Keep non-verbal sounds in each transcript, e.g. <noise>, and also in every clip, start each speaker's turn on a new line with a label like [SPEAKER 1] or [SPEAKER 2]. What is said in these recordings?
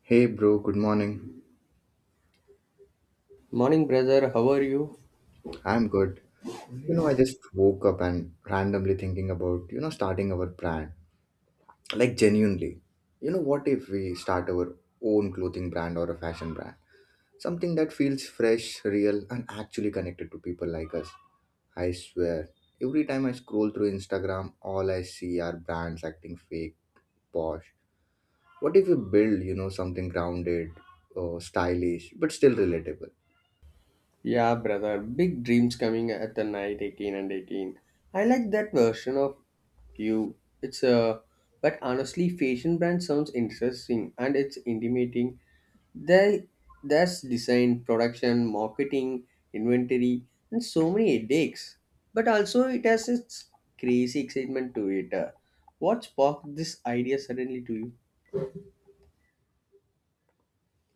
[SPEAKER 1] Hey bro, good morning.
[SPEAKER 2] Morning, brother. How are you?
[SPEAKER 1] I'm good. I just woke up and randomly thinking about, starting our brand. Like genuinely. You know, what if we start our own clothing brand or a fashion brand? Something that feels fresh, real, and actually connected to people like us. I swear, every time I scroll through Instagram, all I see are brands acting fake, posh. What if we build, something grounded, stylish, but still relatable?
[SPEAKER 2] Yeah, brother. Big dreams coming at the night, 18 and 18. I like that version of you. It's But honestly, fashion brand sounds interesting and it's intimating. They, there's design, production, marketing, inventory, and so many headaches. But also, it has its crazy excitement to it. What sparked this idea suddenly to you?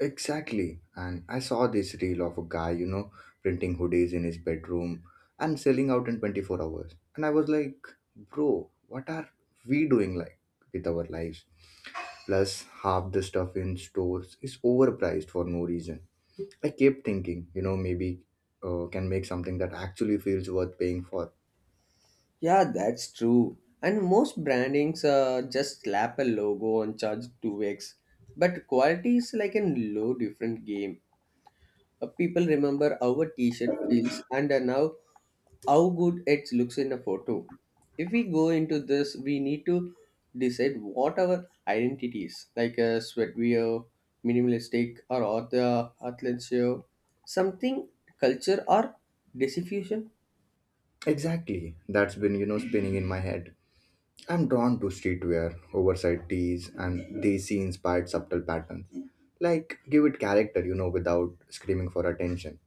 [SPEAKER 1] Exactly. And I saw this reel of a guy, printing hoodies in his bedroom and selling out in 24 hours. And I was like, bro, what are we doing like with our lives? Plus, half the stuff in stores is overpriced for no reason. I kept thinking, maybe can make something that actually feels worth paying for.
[SPEAKER 2] Yeah, that's true. And most brandings just slap a logo and charge 2x. But quality is like a low different game. People remember how a t-shirt feels and now how good it looks in a photo. If we go into this, we need to decide what our identity is, like a sweatwear, minimalistic, or author, athleisure, something culture or diffusion.
[SPEAKER 1] Exactly. That's been, spinning in my head. I'm drawn to streetwear, oversized tees, and desi inspired subtle patterns. Like, give it character, without screaming for attention.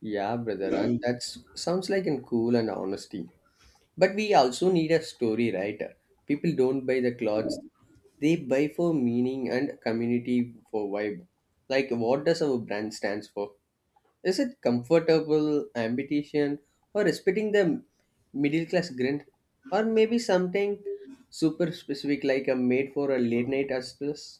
[SPEAKER 2] Yeah, brother, and that sounds like in cool and honesty. But we also need a story, right? People don't buy the clothes; they buy for meaning and community for vibe. Like, what does our brand stands for? Is it comfortable, ambition, or respecting the middle class grind, or maybe something super specific like a made for a late night as this?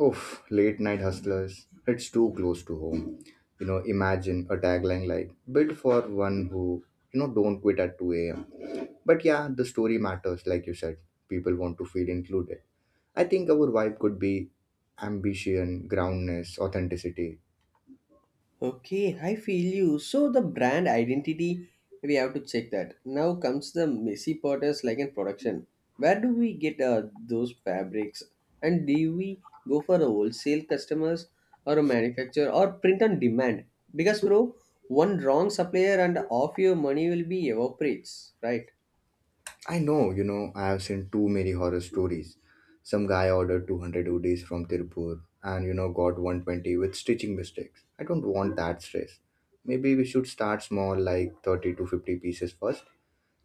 [SPEAKER 1] Oof, late night hustlers, it's too close to home. You know, imagine a tagline like, built for one who, don't quit at 2 a.m. But yeah, the story matters, like you said. People want to feel included. I think our vibe could be ambition, groundness, authenticity.
[SPEAKER 2] Okay, I feel you. So the brand identity, we have to check that. Now comes the messy part is like in production. Where do we get those fabrics? And do we go for a wholesale customers or a manufacturer or print on demand? Because bro, one wrong supplier and off your money will be evaporates, right?
[SPEAKER 1] I know, I have seen too many horror stories. Some guy ordered 200 udis from Tirupur and, got 120 with stitching mistakes. I don't want that stress. Maybe we should start small, like 30 to 50 pieces first,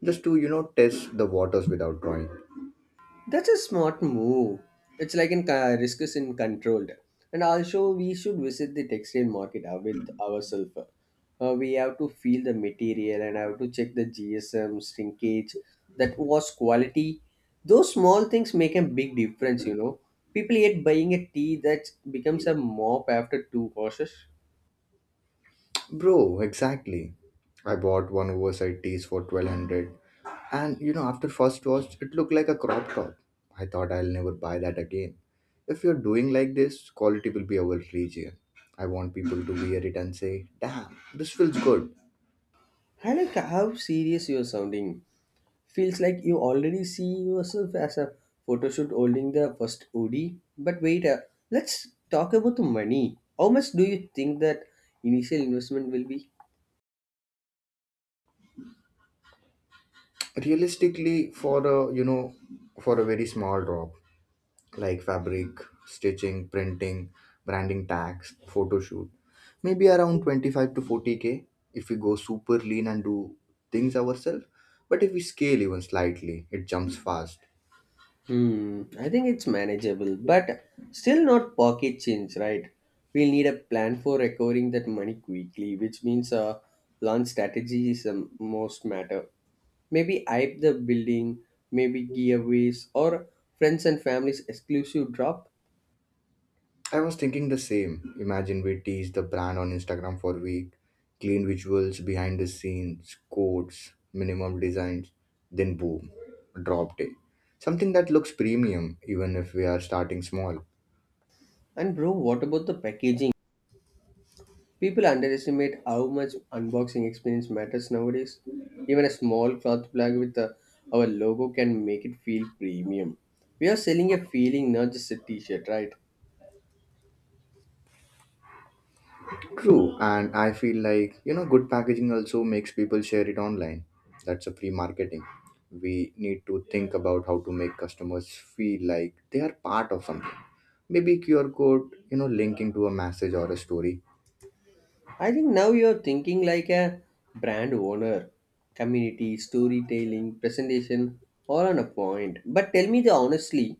[SPEAKER 1] just to, test the waters without drawing.
[SPEAKER 2] That's a smart move. It's like in Risk is in controlled. And also, we should visit the textile market with ourselves. We have to feel the material and have to check the GSM, shrinkage, that was quality. Those small things make a big difference, you know. People yet buying a tea that becomes a mop after two washes.
[SPEAKER 1] Bro, exactly. I bought one oversized tees for 1200, and you know after first wash it looked like a crop top. I thought I'll never buy that again. If you're doing like this, quality will be our region. I want people to wear it and say, "Damn, this feels good."
[SPEAKER 2] I like how serious you're sounding. Feels like you already see yourself as a photo shoot holding the first OD. But wait, let's talk about the money. How much do you think that initial investment will be?
[SPEAKER 1] Realistically for a, for a very small drop. Like fabric, stitching, printing, branding tags, photo shoot. Maybe around 25 to 40k if we go super lean and do things ourselves. But if we scale even slightly, it jumps fast.
[SPEAKER 2] Hmm, I think it's manageable, but still not pocket change, right? We'll need a plan for recovering that money quickly, which means a launch strategy is the most matter. Maybe hype the building, maybe giveaways, or friends and families exclusive drop.
[SPEAKER 1] I was thinking the same. Imagine we tease the brand on Instagram for a week, clean visuals, behind the scenes, codes, minimum designs, then boom, drop day. Something that looks premium even if we are starting small.
[SPEAKER 2] And bro, what about the packaging? People underestimate how much unboxing experience matters nowadays. Even a small cloth bag with our logo can make it feel premium. We are selling a feeling, not just a t shirt, right?
[SPEAKER 1] True, and I feel like good packaging also makes people share it online. That's a free marketing. We need to think about how to make customers feel like they are part of something. Maybe QR code, linking to a message or a story.
[SPEAKER 2] I think now you're thinking like a brand owner, community, storytelling, presentation, all on a point. But tell me the honestly,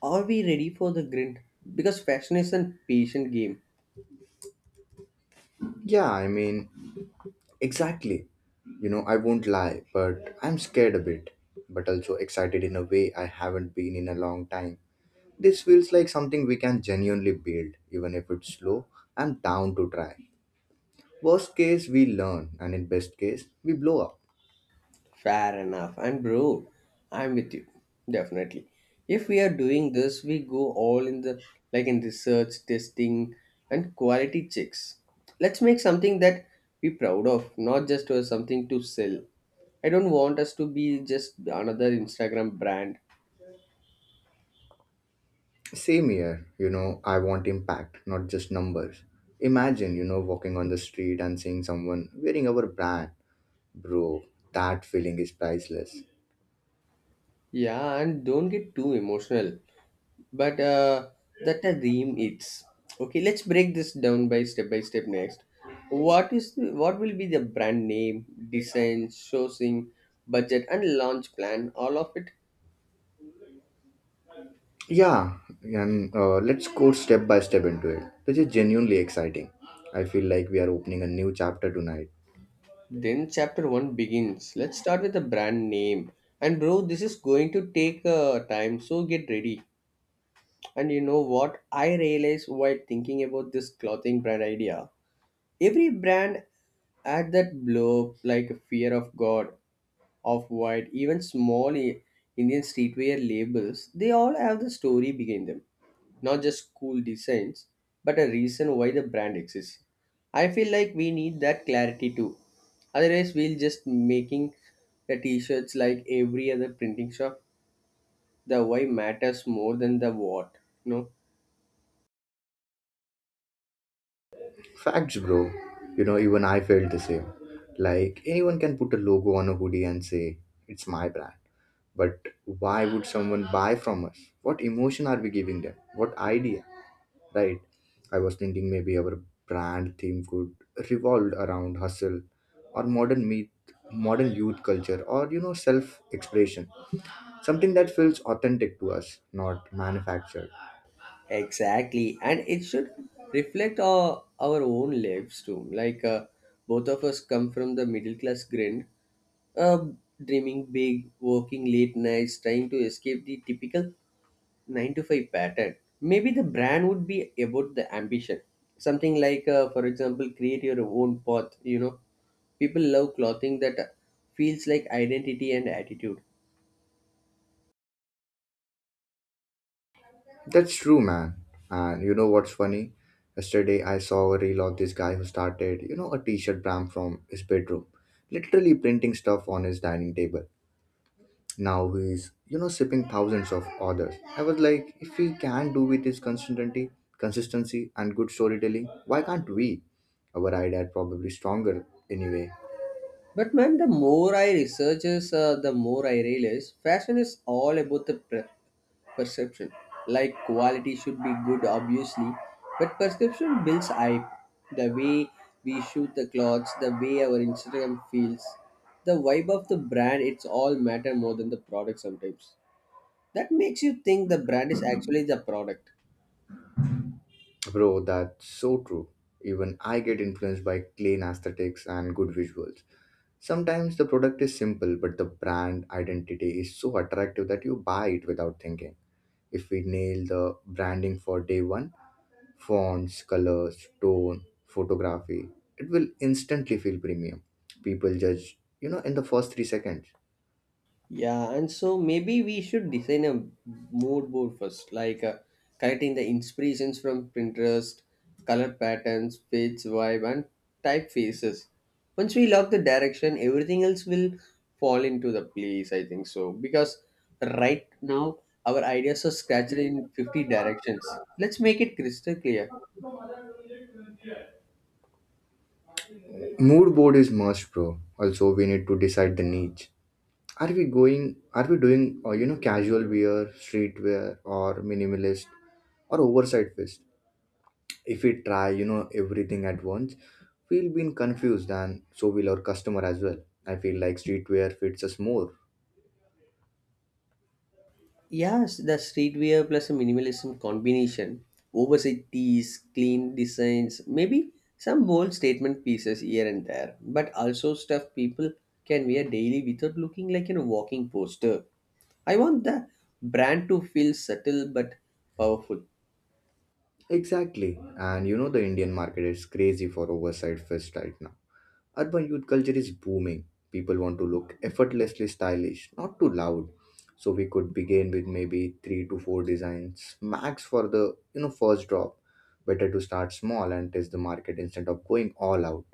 [SPEAKER 2] are we ready for the grind? Because fashion is a patient game.
[SPEAKER 1] Yeah, I mean, exactly. I won't lie, but I'm scared a bit, but also excited in a way I haven't been in a long time. This feels like something we can genuinely build, even if it's slow. I'm down to try. Worst case, we learn, and in best case, we blow up.
[SPEAKER 2] Fair enough. And bro, I'm with you. Definitely. If we are doing this, we go all in the like in research, testing, and quality checks. Let's make something that we proud of, not just something to sell. I don't want us to be just another Instagram brand.
[SPEAKER 1] Same here, I want impact, not just numbers. Imagine, walking on the street and seeing someone wearing our brand. Bro, that feeling is priceless.
[SPEAKER 2] Yeah, and don't get too emotional, but that a dream it's okay. Let's break this down by step next. What will be the brand name, design, sourcing, budget, and launch plan, all of it?
[SPEAKER 1] Yeah, and let's go step by step into it, which is genuinely exciting. I feel like we are opening a new chapter tonight.
[SPEAKER 2] Then chapter 1 begins. Let's start with the brand name. And bro, this is going to take time, so get ready. And you know what I realized while thinking about this clothing brand idea? Every brand had that blow like fear of God, of white. Even small Indian streetwear labels, they all have the story behind them. Not just cool designs, but a reason why the brand exists. I feel like we need that clarity too. Otherwise, we'll just making the t-shirts like every other printing shop. The why matters more than the what. No.
[SPEAKER 1] Facts, bro. You know, even I felt the same. Like, anyone can put a logo on a hoodie and say, it's my brand. But why would someone buy from us? What emotion are we giving them? What idea? Right? I was thinking maybe our brand theme could revolve around hustle or modern meet modern youth culture or self expression, something that feels authentic to us, not manufactured.
[SPEAKER 2] Exactly, and it should reflect our own lives too. Both of us come from the middle class grind, uh, dreaming big, working late nights, trying to escape the typical 9 to 5 pattern. Maybe the brand would be about the ambition, something like, for example, create your own path. You know, people love clothing that feels like identity and attitude.
[SPEAKER 1] That's true, man. And you know what's funny? Yesterday I saw a reel of this guy who started, a t-shirt brand from his bedroom, literally printing stuff on his dining table. Now he's, shipping thousands of orders. I was like, if he can do with his consistency, consistency and good storytelling, why can't we? Our idea probably stronger anyway.
[SPEAKER 2] But man, the more I researches, the more I realize fashion is all about the perception. Like quality should be good, obviously, but perception builds hype. The way we shoot the clothes, the way our Instagram feels, the vibe of the brand, it's all matter more than the product sometimes. That makes you think the brand is actually the product.
[SPEAKER 1] Bro, that's so true. Even I get influenced by clean aesthetics and good visuals. Sometimes the product is simple, but the brand identity is so attractive that you buy it without thinking. If we nail the branding for day one, fonts, colors, tone, photography, it will instantly feel premium. People judge, in the first 3 seconds.
[SPEAKER 2] Yeah, and so maybe we should design a mood board first, like collecting the inspirations from Pinterest, color patterns, page vibe, and typefaces. Once we lock the direction, everything else will fall into the place. I think so because right now our ideas are scattered in 50 directions. Let's make it crystal clear.
[SPEAKER 1] Mood board is must, bro. Also, we need to decide the niche. Are we going? Are we doing, casual wear, streetwear, or minimalist, or oversized fit? If we try everything at once, we'll be confused and so will our customer as well. I feel like streetwear fits us more.
[SPEAKER 2] Yes, the streetwear plus a minimalism combination, oversized tees, clean designs, maybe some bold statement pieces here and there, but also stuff people can wear daily without looking like a walking poster. I want the brand to feel subtle but powerful.
[SPEAKER 1] Exactly, and the Indian market is crazy for oversight fits right now. Urban youth culture is booming. People want to look effortlessly stylish, not too loud. So we could begin with maybe three to four designs max for the first drop. Better to start small and test the market instead of going all out.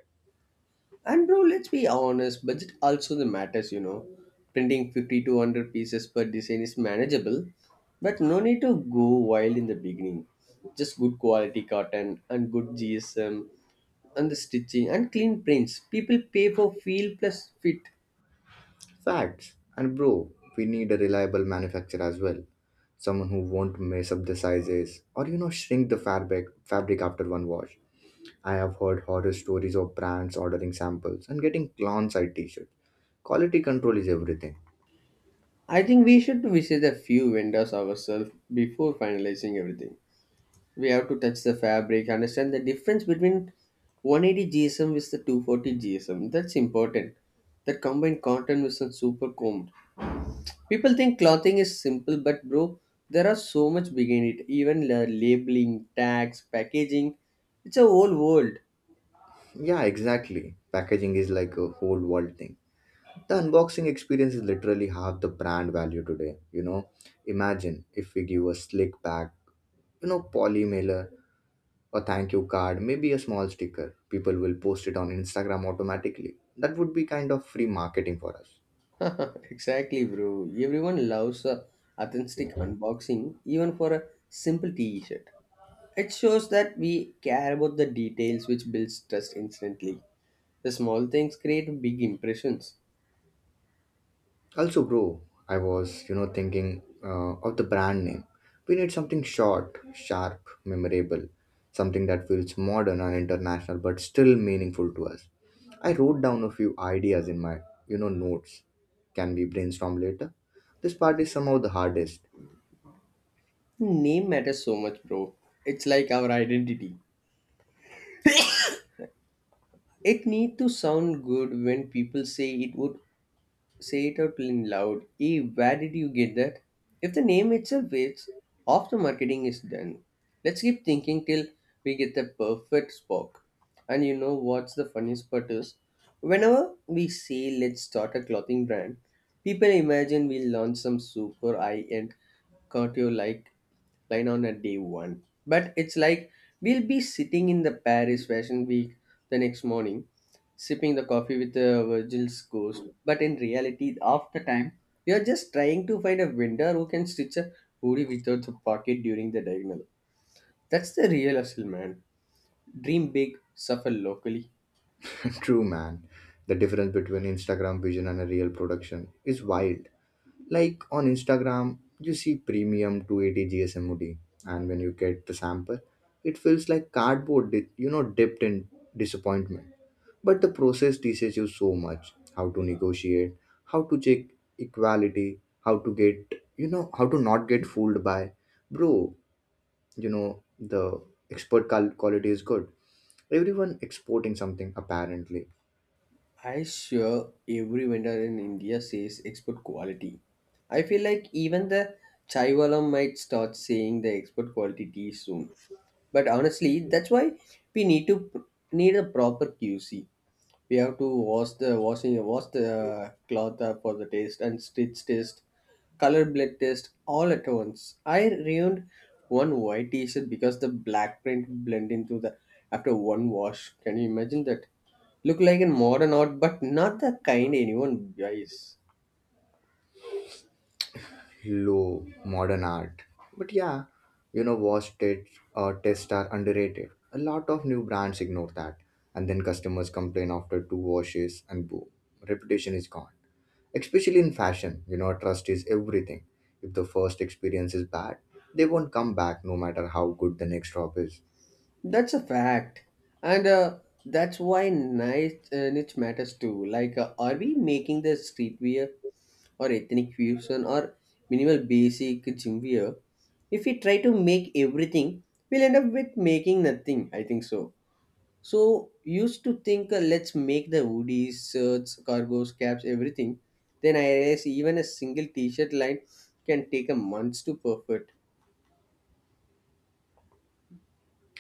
[SPEAKER 2] And bro, let's be honest, budget also the matters, you know. Printing 50 to 100 pieces per design is manageable, but no need to go wild in the beginning. Just good quality cotton and good GSM and the stitching and clean prints. People pay for feel plus fit.
[SPEAKER 1] Facts. And bro, we need a reliable manufacturer as well. Someone who won't mess up the sizes or shrink the fabric after one wash. I have heard horror stories of brands ordering samples and getting clown side t-shirts. Quality control is everything.
[SPEAKER 2] I think we should visit a few vendors ourselves before finalizing everything. We have to touch the fabric, understand the difference between 180 gsm with the 240 gsm. That's important, that combined cotton with some super comb. People think clothing is simple, but bro, there are so much behind it, even labeling tags, packaging. It's a whole world.
[SPEAKER 1] Yeah, exactly. Packaging is like a whole world thing. The unboxing experience is literally half the brand value today, you know. Imagine if we give a slick bag, poly mailer, a thank you card, maybe a small sticker. People will post it on Instagram automatically. That would be kind of free marketing for us.
[SPEAKER 2] <laughs> Exactly bro, everyone loves a authentic unboxing, even for a simple t-shirt. It shows that we care about the details, which builds trust instantly. The small things create big impressions.
[SPEAKER 1] Also, bro, I was, thinking of the brand name. We need something short, sharp, memorable, something that feels modern and international but still meaningful to us. I wrote down a few ideas in my, notes. Can we brainstorm later? This part is somehow the hardest.
[SPEAKER 2] Name matters so much, bro. It's like our identity. It need to sound good when people say it, would say it out in loud. Hey, where did you get that? If the name itself waits, half the marketing is done. Let's keep thinking till we get the perfect spark. And you know what's the funniest part is? Whenever we say let's start a clothing brand, people imagine we'll launch some super high-end couture like line on a day one. But it's like we'll be sitting in the Paris Fashion Week the next morning sipping the coffee with Virgil's ghost. But in reality, half the time, we are just trying to find a vendor who can stitch a hoodie without a pocket during the diagonal. That's the real hustle, man. Dream big, suffer locally.
[SPEAKER 1] <laughs> True, man. The difference between Instagram vision and a real production is wild. Like on Instagram, you see premium 280 GSMOD, and when you get the sample, it feels like cardboard, dipped in disappointment. But the process teaches you so much how to negotiate, how to check equality, how to get, how to not get fooled by, bro, the expert quality is good. Everyone exporting something apparently
[SPEAKER 2] I sure every vendor in India says export quality. I feel like even the Chaiwalam might start saying the export quality tea soon. But honestly, that's why we need a proper QC. We have to wash the cloth for the taste and stitch test, color blend test all at once. I ruined one white T-shirt because the black print blend into the after one wash. Can you imagine that? Look like a modern art, but not the kind anyone buys.
[SPEAKER 1] low modern art. But yeah, wash tests tests are underrated. A lot of new brands ignore that, and then customers complain after two washes, and boom, reputation is gone. Especially in fashion, trust is everything. If the first experience is bad, they won't come back no matter how good the next drop is.
[SPEAKER 2] That's a fact, and that's why niche matters too. Like, are we making the streetwear? Or ethnic fusion or minimal basic gym wear, if we try to make everything, we'll end up with making nothing. I think so. So used to think let's make the hoodies, shirts, cargos, caps, everything. Then I realized even a single T-shirt line can take a month to perfect.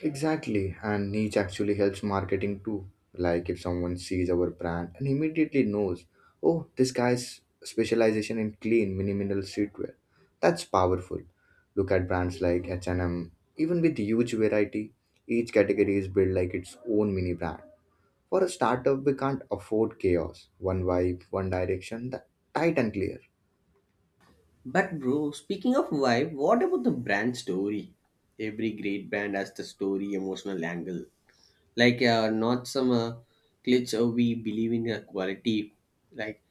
[SPEAKER 1] Exactly, and niche actually helps marketing too. Like if someone sees our brand and immediately knows, oh, this guy's specialization in clean, minimal streetwear. That's powerful. Look at brands like H&M, even with huge variety, each category is built like its own mini brand. For a startup, we can't afford chaos. One vibe, one direction, that tight and clear.
[SPEAKER 2] But bro, speaking of vibe, what about the brand story? Every great brand has the story, emotional angle. Like, not some glitch. We believe in quality. Like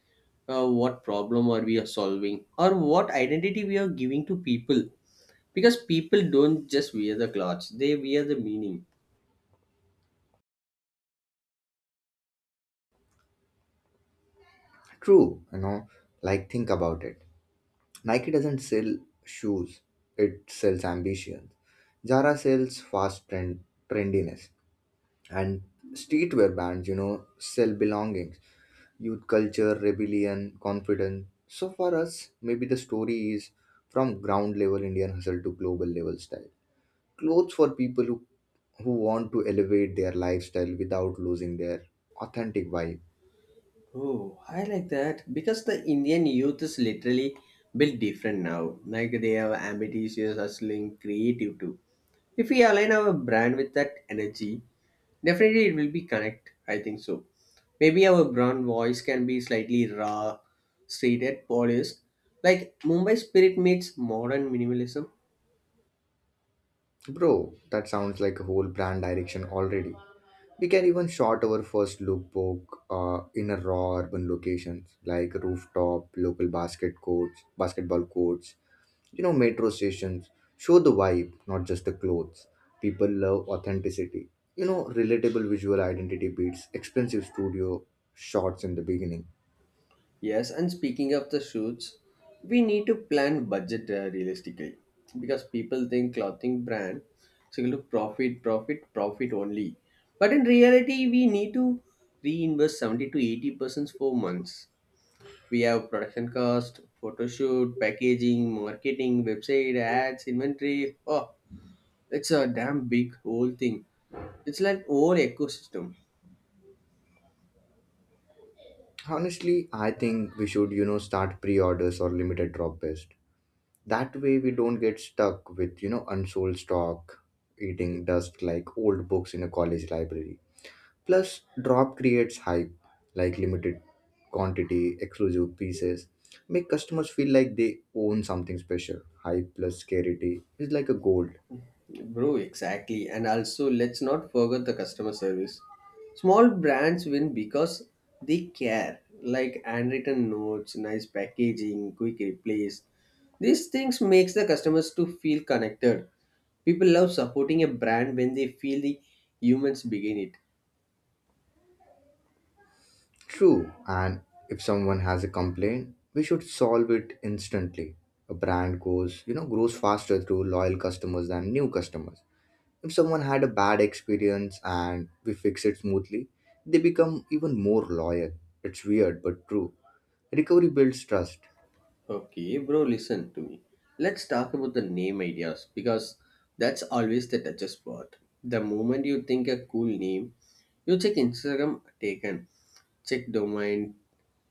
[SPEAKER 2] what problem are we are solving, or what identity we are giving to people, because people don't just wear the clothes, they wear the meaning.
[SPEAKER 1] True, like think about it, Nike doesn't sell shoes, it sells ambition. Zara sells fast trend, trendiness. And streetwear brands, sell belongings, youth culture, rebellion, confidence. So for us, maybe the story is from ground level Indian hustle to global level style. Clothes for people who want to elevate their lifestyle without losing their authentic vibe.
[SPEAKER 2] Oh, I like that because the Indian youth is literally built different now. Like, they are ambitious, hustling, creative too. If we align our brand with that energy, definitely it will be connect, I think so. Maybe our brand voice can be slightly raw, straight at polished, like Mumbai spirit meets modern minimalism.
[SPEAKER 1] Bro, that sounds like a whole brand direction already. We can even shot our first lookbook in a raw urban locations like rooftop, basketball courts, metro stations. Show the vibe, not just the clothes. People love authenticity. You know, relatable visual identity beats expensive studio shots in the beginning.
[SPEAKER 2] Yes, and speaking of the shoots, we need to plan budget realistically, because people think clothing brand is going to profit only. But in reality, we need to reinvest 70 to 80% for months. We have production cost, photo shoot, packaging, marketing, website, ads, inventory. Oh, it's a damn big whole thing. It's like whole ecosystem.
[SPEAKER 1] Honestly, I think we should, start pre orders or limited drop best. That way we don't get stuck with unsold stock eating dust like old books in a college library. Plus drop creates hype, like limited quantity exclusive pieces make customers feel like they own something special. Hype plus scarcity is like a gold.
[SPEAKER 2] Bro, exactly. And also, let's not forget the customer service. Small brands win because they care, like handwritten notes, nice packaging, quick replies. These things makes the customers to feel connected. People love supporting a brand when they feel the humans begin it.
[SPEAKER 1] True. And if someone has a complaint, we should solve it instantly. A brand goes grows faster through loyal customers than new customers. If someone had a bad experience and we fix it smoothly, they become even more loyal. It's weird but true. Recovery builds trust.
[SPEAKER 2] Okay, bro, listen to me. Let's talk about the name ideas because that's always the toughest part. The moment you think a cool name, you check Instagram taken, check domain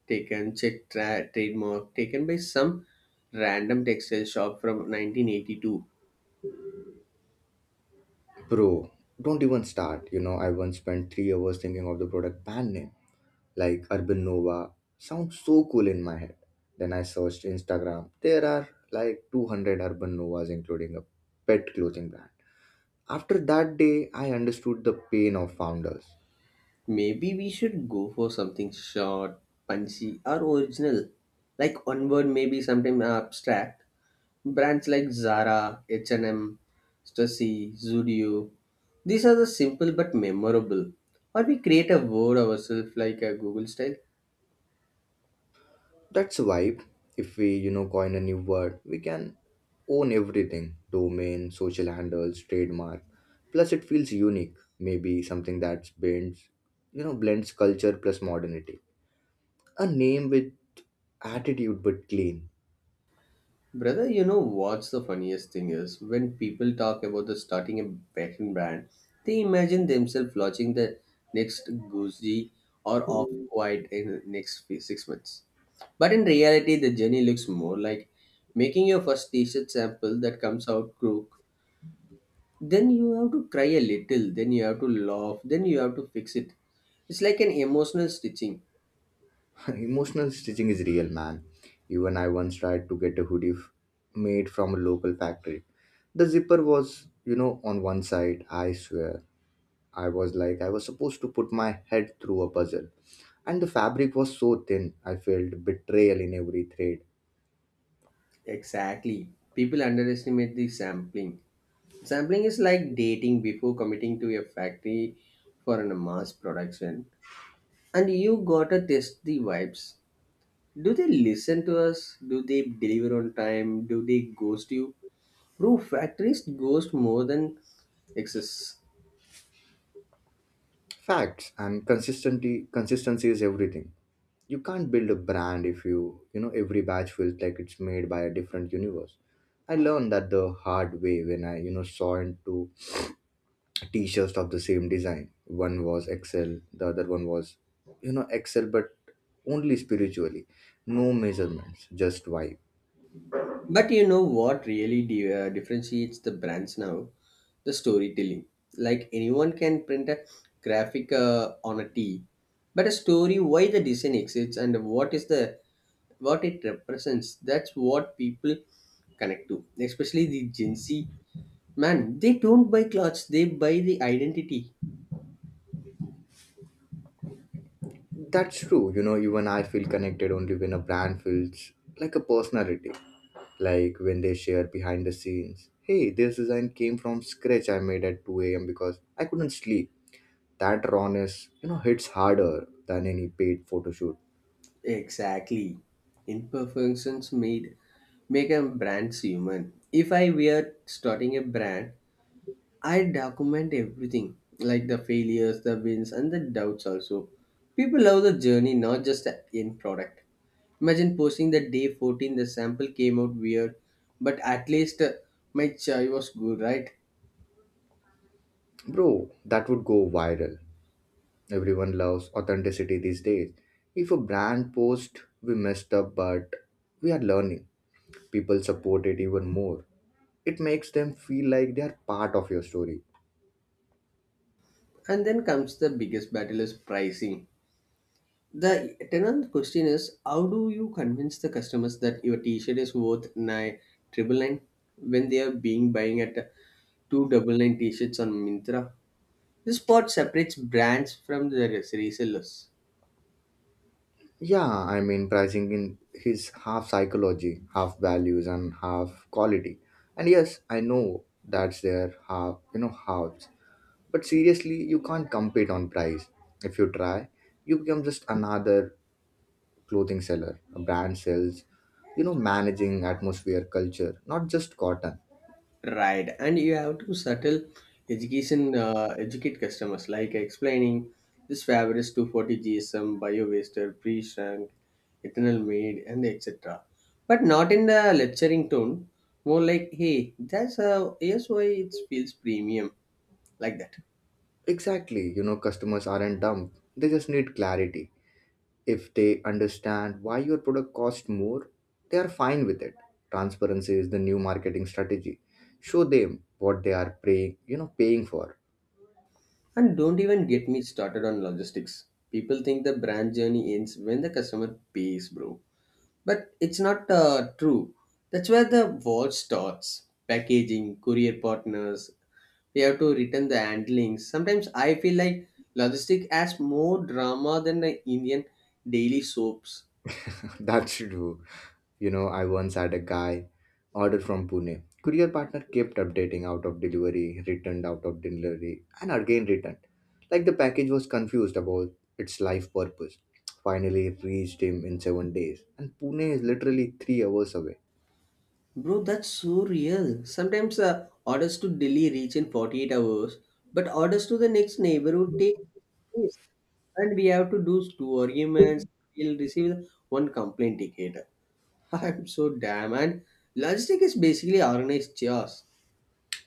[SPEAKER 2] taken, check trademark taken by some random textile shop from 1982.
[SPEAKER 1] Bro, don't even start. You know, I once spent 3 hours thinking of the product brand name, like Urban Nova. Sounds so cool in my head. Then I searched Instagram. There are like 200 Urban Novas, including a pet clothing brand. After that day, I understood the pain of founders.
[SPEAKER 2] Maybe we should go for something short, punchy, or original. Like one word, maybe sometime abstract. Brands like Zara, H&M, Stussy, Zudio. These are the simple but memorable. Or we create a word ourselves like a Google style.
[SPEAKER 1] That's a vibe. If we, coin a new word, we can own everything domain, social handles, trademark. Plus, it feels unique. Maybe something that blends, blends culture plus modernity. A name with attitude but clean.
[SPEAKER 2] Brother, you know what's the funniest thing is when people talk about the starting a fashion brand, they imagine themselves launching the next Gucci or Off White in the next 6 months. But in reality, the journey looks more like making your first T-shirt sample that comes out crook. Then you have to cry a little. Then you have to laugh. Then you have to fix it. It's like an emotional stitching.
[SPEAKER 1] <laughs> Emotional stitching is real, man. Even I once tried to get a made from a local factory. The zipper was, you know, on one side, I swear. I was supposed to put my head through a puzzle. And the fabric was so thin, I felt betrayal in every thread.
[SPEAKER 2] Exactly. People underestimate the sampling. Sampling is like dating before committing to a factory for a mass production. And you gotta test the vibes. Do they listen to us? Do they deliver on time? Do they ghost you? Bro, factories ghost more than excess.
[SPEAKER 1] Facts, and consistency is everything. You can't build a brand if you you know every batch feels like it's made by a different universe. I learned that the hard way when I saw into t-shirts of the same design. One was Excel, the other one was Excel but only spiritually. No measurements, just vibe.
[SPEAKER 2] But you know what really differentiates the brands now? The storytelling. Like anyone can print a graphic on a T, but a story why the design exists and what is the what it represents. That's what people connect to, especially the Gen Z. Man, they don't buy clothes, they buy the identity.
[SPEAKER 1] That's true. You know, even I feel connected only when a brand feels like a personality. Like when they share behind the scenes. Hey, this design came from scratch I made at 2 a.m. because I couldn't sleep. That rawness, you know, hits harder than any paid photo shoot.
[SPEAKER 2] Exactly. Imperfections made make a brand human. If I were starting a brand, I document everything, like the failures, the wins, and the doubts also. People love the journey, not just the end product. Imagine posting that day 14, the sample came out weird, but at least my chai was good, right?
[SPEAKER 1] Bro, that would go viral. Everyone loves authenticity these days. If a brand post, we messed up, but we are learning. People support it even more. It makes them feel like they are part of your story.
[SPEAKER 2] And then comes the biggest battle is pricing. The tenant question is how do you convince the customers that your t-shirt is worth nine triple nine when they are being buying at two double nine t-shirts on Mintra? This spot separates brands from the resellers,
[SPEAKER 1] Yeah, I mean, pricing in his half psychology, half values, and half quality. And yes, I know that's their half, halves. But seriously, you can't compete on price. If you try, you become just another clothing seller, a brand sells, you know, managing atmosphere, culture, not just cotton.
[SPEAKER 2] right? And you have to subtle educate customers, like explaining this fabric is 240 GSM, bio waster, pre shrunk, ethanol made, and etc. But not in the lecturing tone, more like, hey, that's how, here's why it feels premium, like that.
[SPEAKER 1] Exactly, you know, customers aren't dumb. They just need clarity. If they understand why your product costs more, they are fine with it. Transparency is the new marketing strategy. Show them what they are paying,  paying for.
[SPEAKER 2] And don't even get me started on logistics. People think the brand journey ends when the customer pays, bro. But it's not true. That's where the war starts. Packaging, courier partners, they have to return the handlings. Sometimes I feel like logistic has more drama than the Indian daily soaps.
[SPEAKER 1] <laughs> That should do. You know, I once had a guy order from Pune. Courier partner kept updating out of delivery, returned out of delivery, and again returned. Like the package was confused about its life purpose. Finally, it reached him in 7 days, and Pune is literally 3 hours away.
[SPEAKER 2] Bro, that's so real. Sometimes orders to Delhi reach in 48 hours, but orders to the next neighborhood take days. And we have to do two arguments. We'll receive one complaint ticket. <laughs> I'm so damn and logistic is basically organized chaos.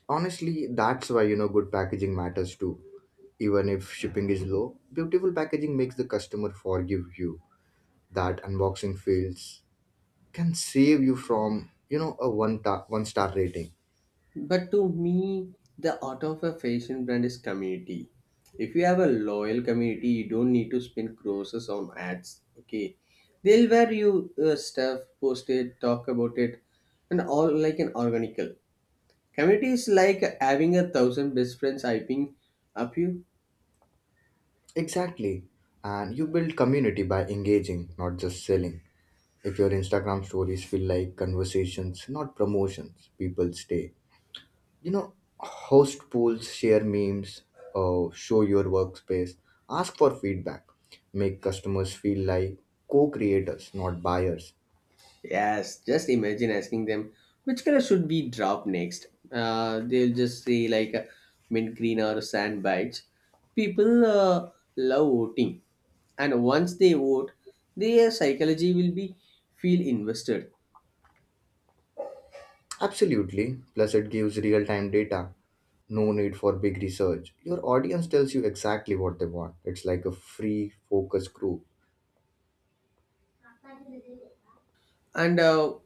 [SPEAKER 1] Honestly, that's why good packaging matters too. Even if shipping is low, beautiful packaging makes the customer forgive you. That unboxing feels can save you from a one star rating.
[SPEAKER 2] But to me, the art of a fashion brand is community. If you have a loyal community, you don't need to spend crores on ads. Okay, they'll wear you stuff, post it, talk about it, and all like an organical community is like having 1,000 best friends hyping up you.
[SPEAKER 1] Exactly, and you build community by engaging, not just selling. If your Instagram stories feel like conversations, not promotions, people stay. You know, host pools, share memes, show your workspace, ask for feedback, make customers feel like co creators, not buyers.
[SPEAKER 2] Yes, just imagine asking them which color should be dropped next. They'll just say like mint green or sand beige. People love voting, and once they vote, their psychology will be feel invested.
[SPEAKER 1] Absolutely. Plus, it gives real time data. No need for big research. Your audience tells you exactly what they want. It's like a free focus group.
[SPEAKER 2] And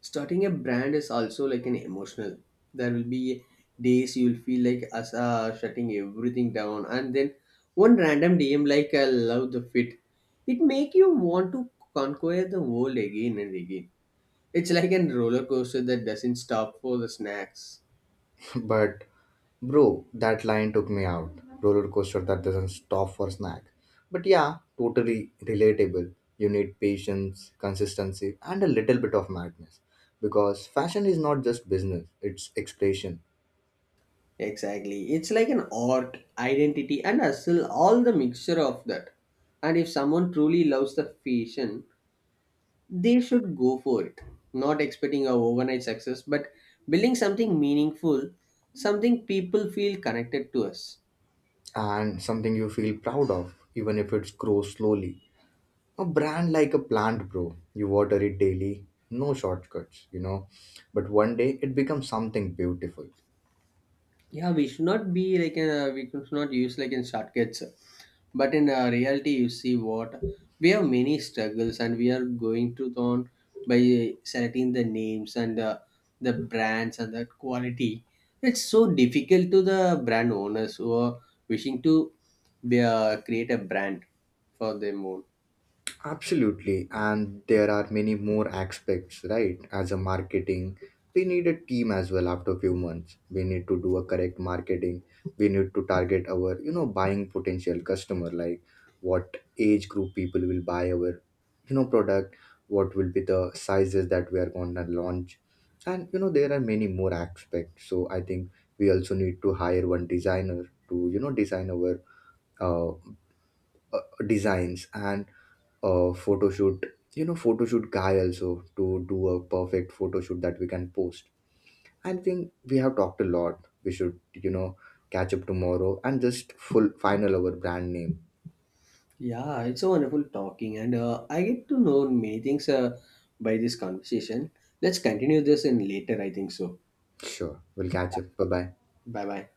[SPEAKER 2] starting a brand is also like an emotional, there will be days you will feel like us shutting everything down, and then one random DM like I love the fit, it make you want to conquer the world again and again. It's like a roller coaster that doesn't stop for the snacks.
[SPEAKER 1] But bro, that line took me out. Roller coaster that doesn't stop for snack. But yeah, totally relatable. You need patience, consistency, and a little bit of madness. Because fashion is not just business, it's expression.
[SPEAKER 2] Exactly, it's like an art, identity, and hustle, all the mixture of that. And if someone truly loves the fashion, they should go for it, not expecting a overnight success, but building something meaningful, something people feel connected to us.
[SPEAKER 1] And something you feel proud of, even if it grows slowly. A brand like a plant, bro. You water it daily, no shortcuts, you know. But one day it becomes something beautiful.
[SPEAKER 2] Yeah, we should not be like a, we should not use like in shortcuts, but in reality you see what, we have many struggles and we are going to on by selecting the names and the brands and the quality. It's so difficult to the brand owners who are wishing to be, create a brand for them own.
[SPEAKER 1] Absolutely, and there are many more aspects, right? As a marketing, we need a team as well after a few months. We need to do a correct marketing. We need to target our, you know, buying potential customer, like what age group people will buy our, you know, product, what will be the sizes that we are going to launch. And, you know, there are many more aspects. So I think we also need to hire one designer to, you know, design our uh, uh, designs and a photo shoot photo shoot guy also to do a perfect photo shoot that we can post. I think we have talked a lot. We should catch up tomorrow and just full final our brand name.
[SPEAKER 2] Yeah, it's so wonderful talking, and I get to know many things by this conversation. Let's continue this in later, I think so.
[SPEAKER 1] Sure, we'll catch up. Bye bye.
[SPEAKER 2] Bye bye.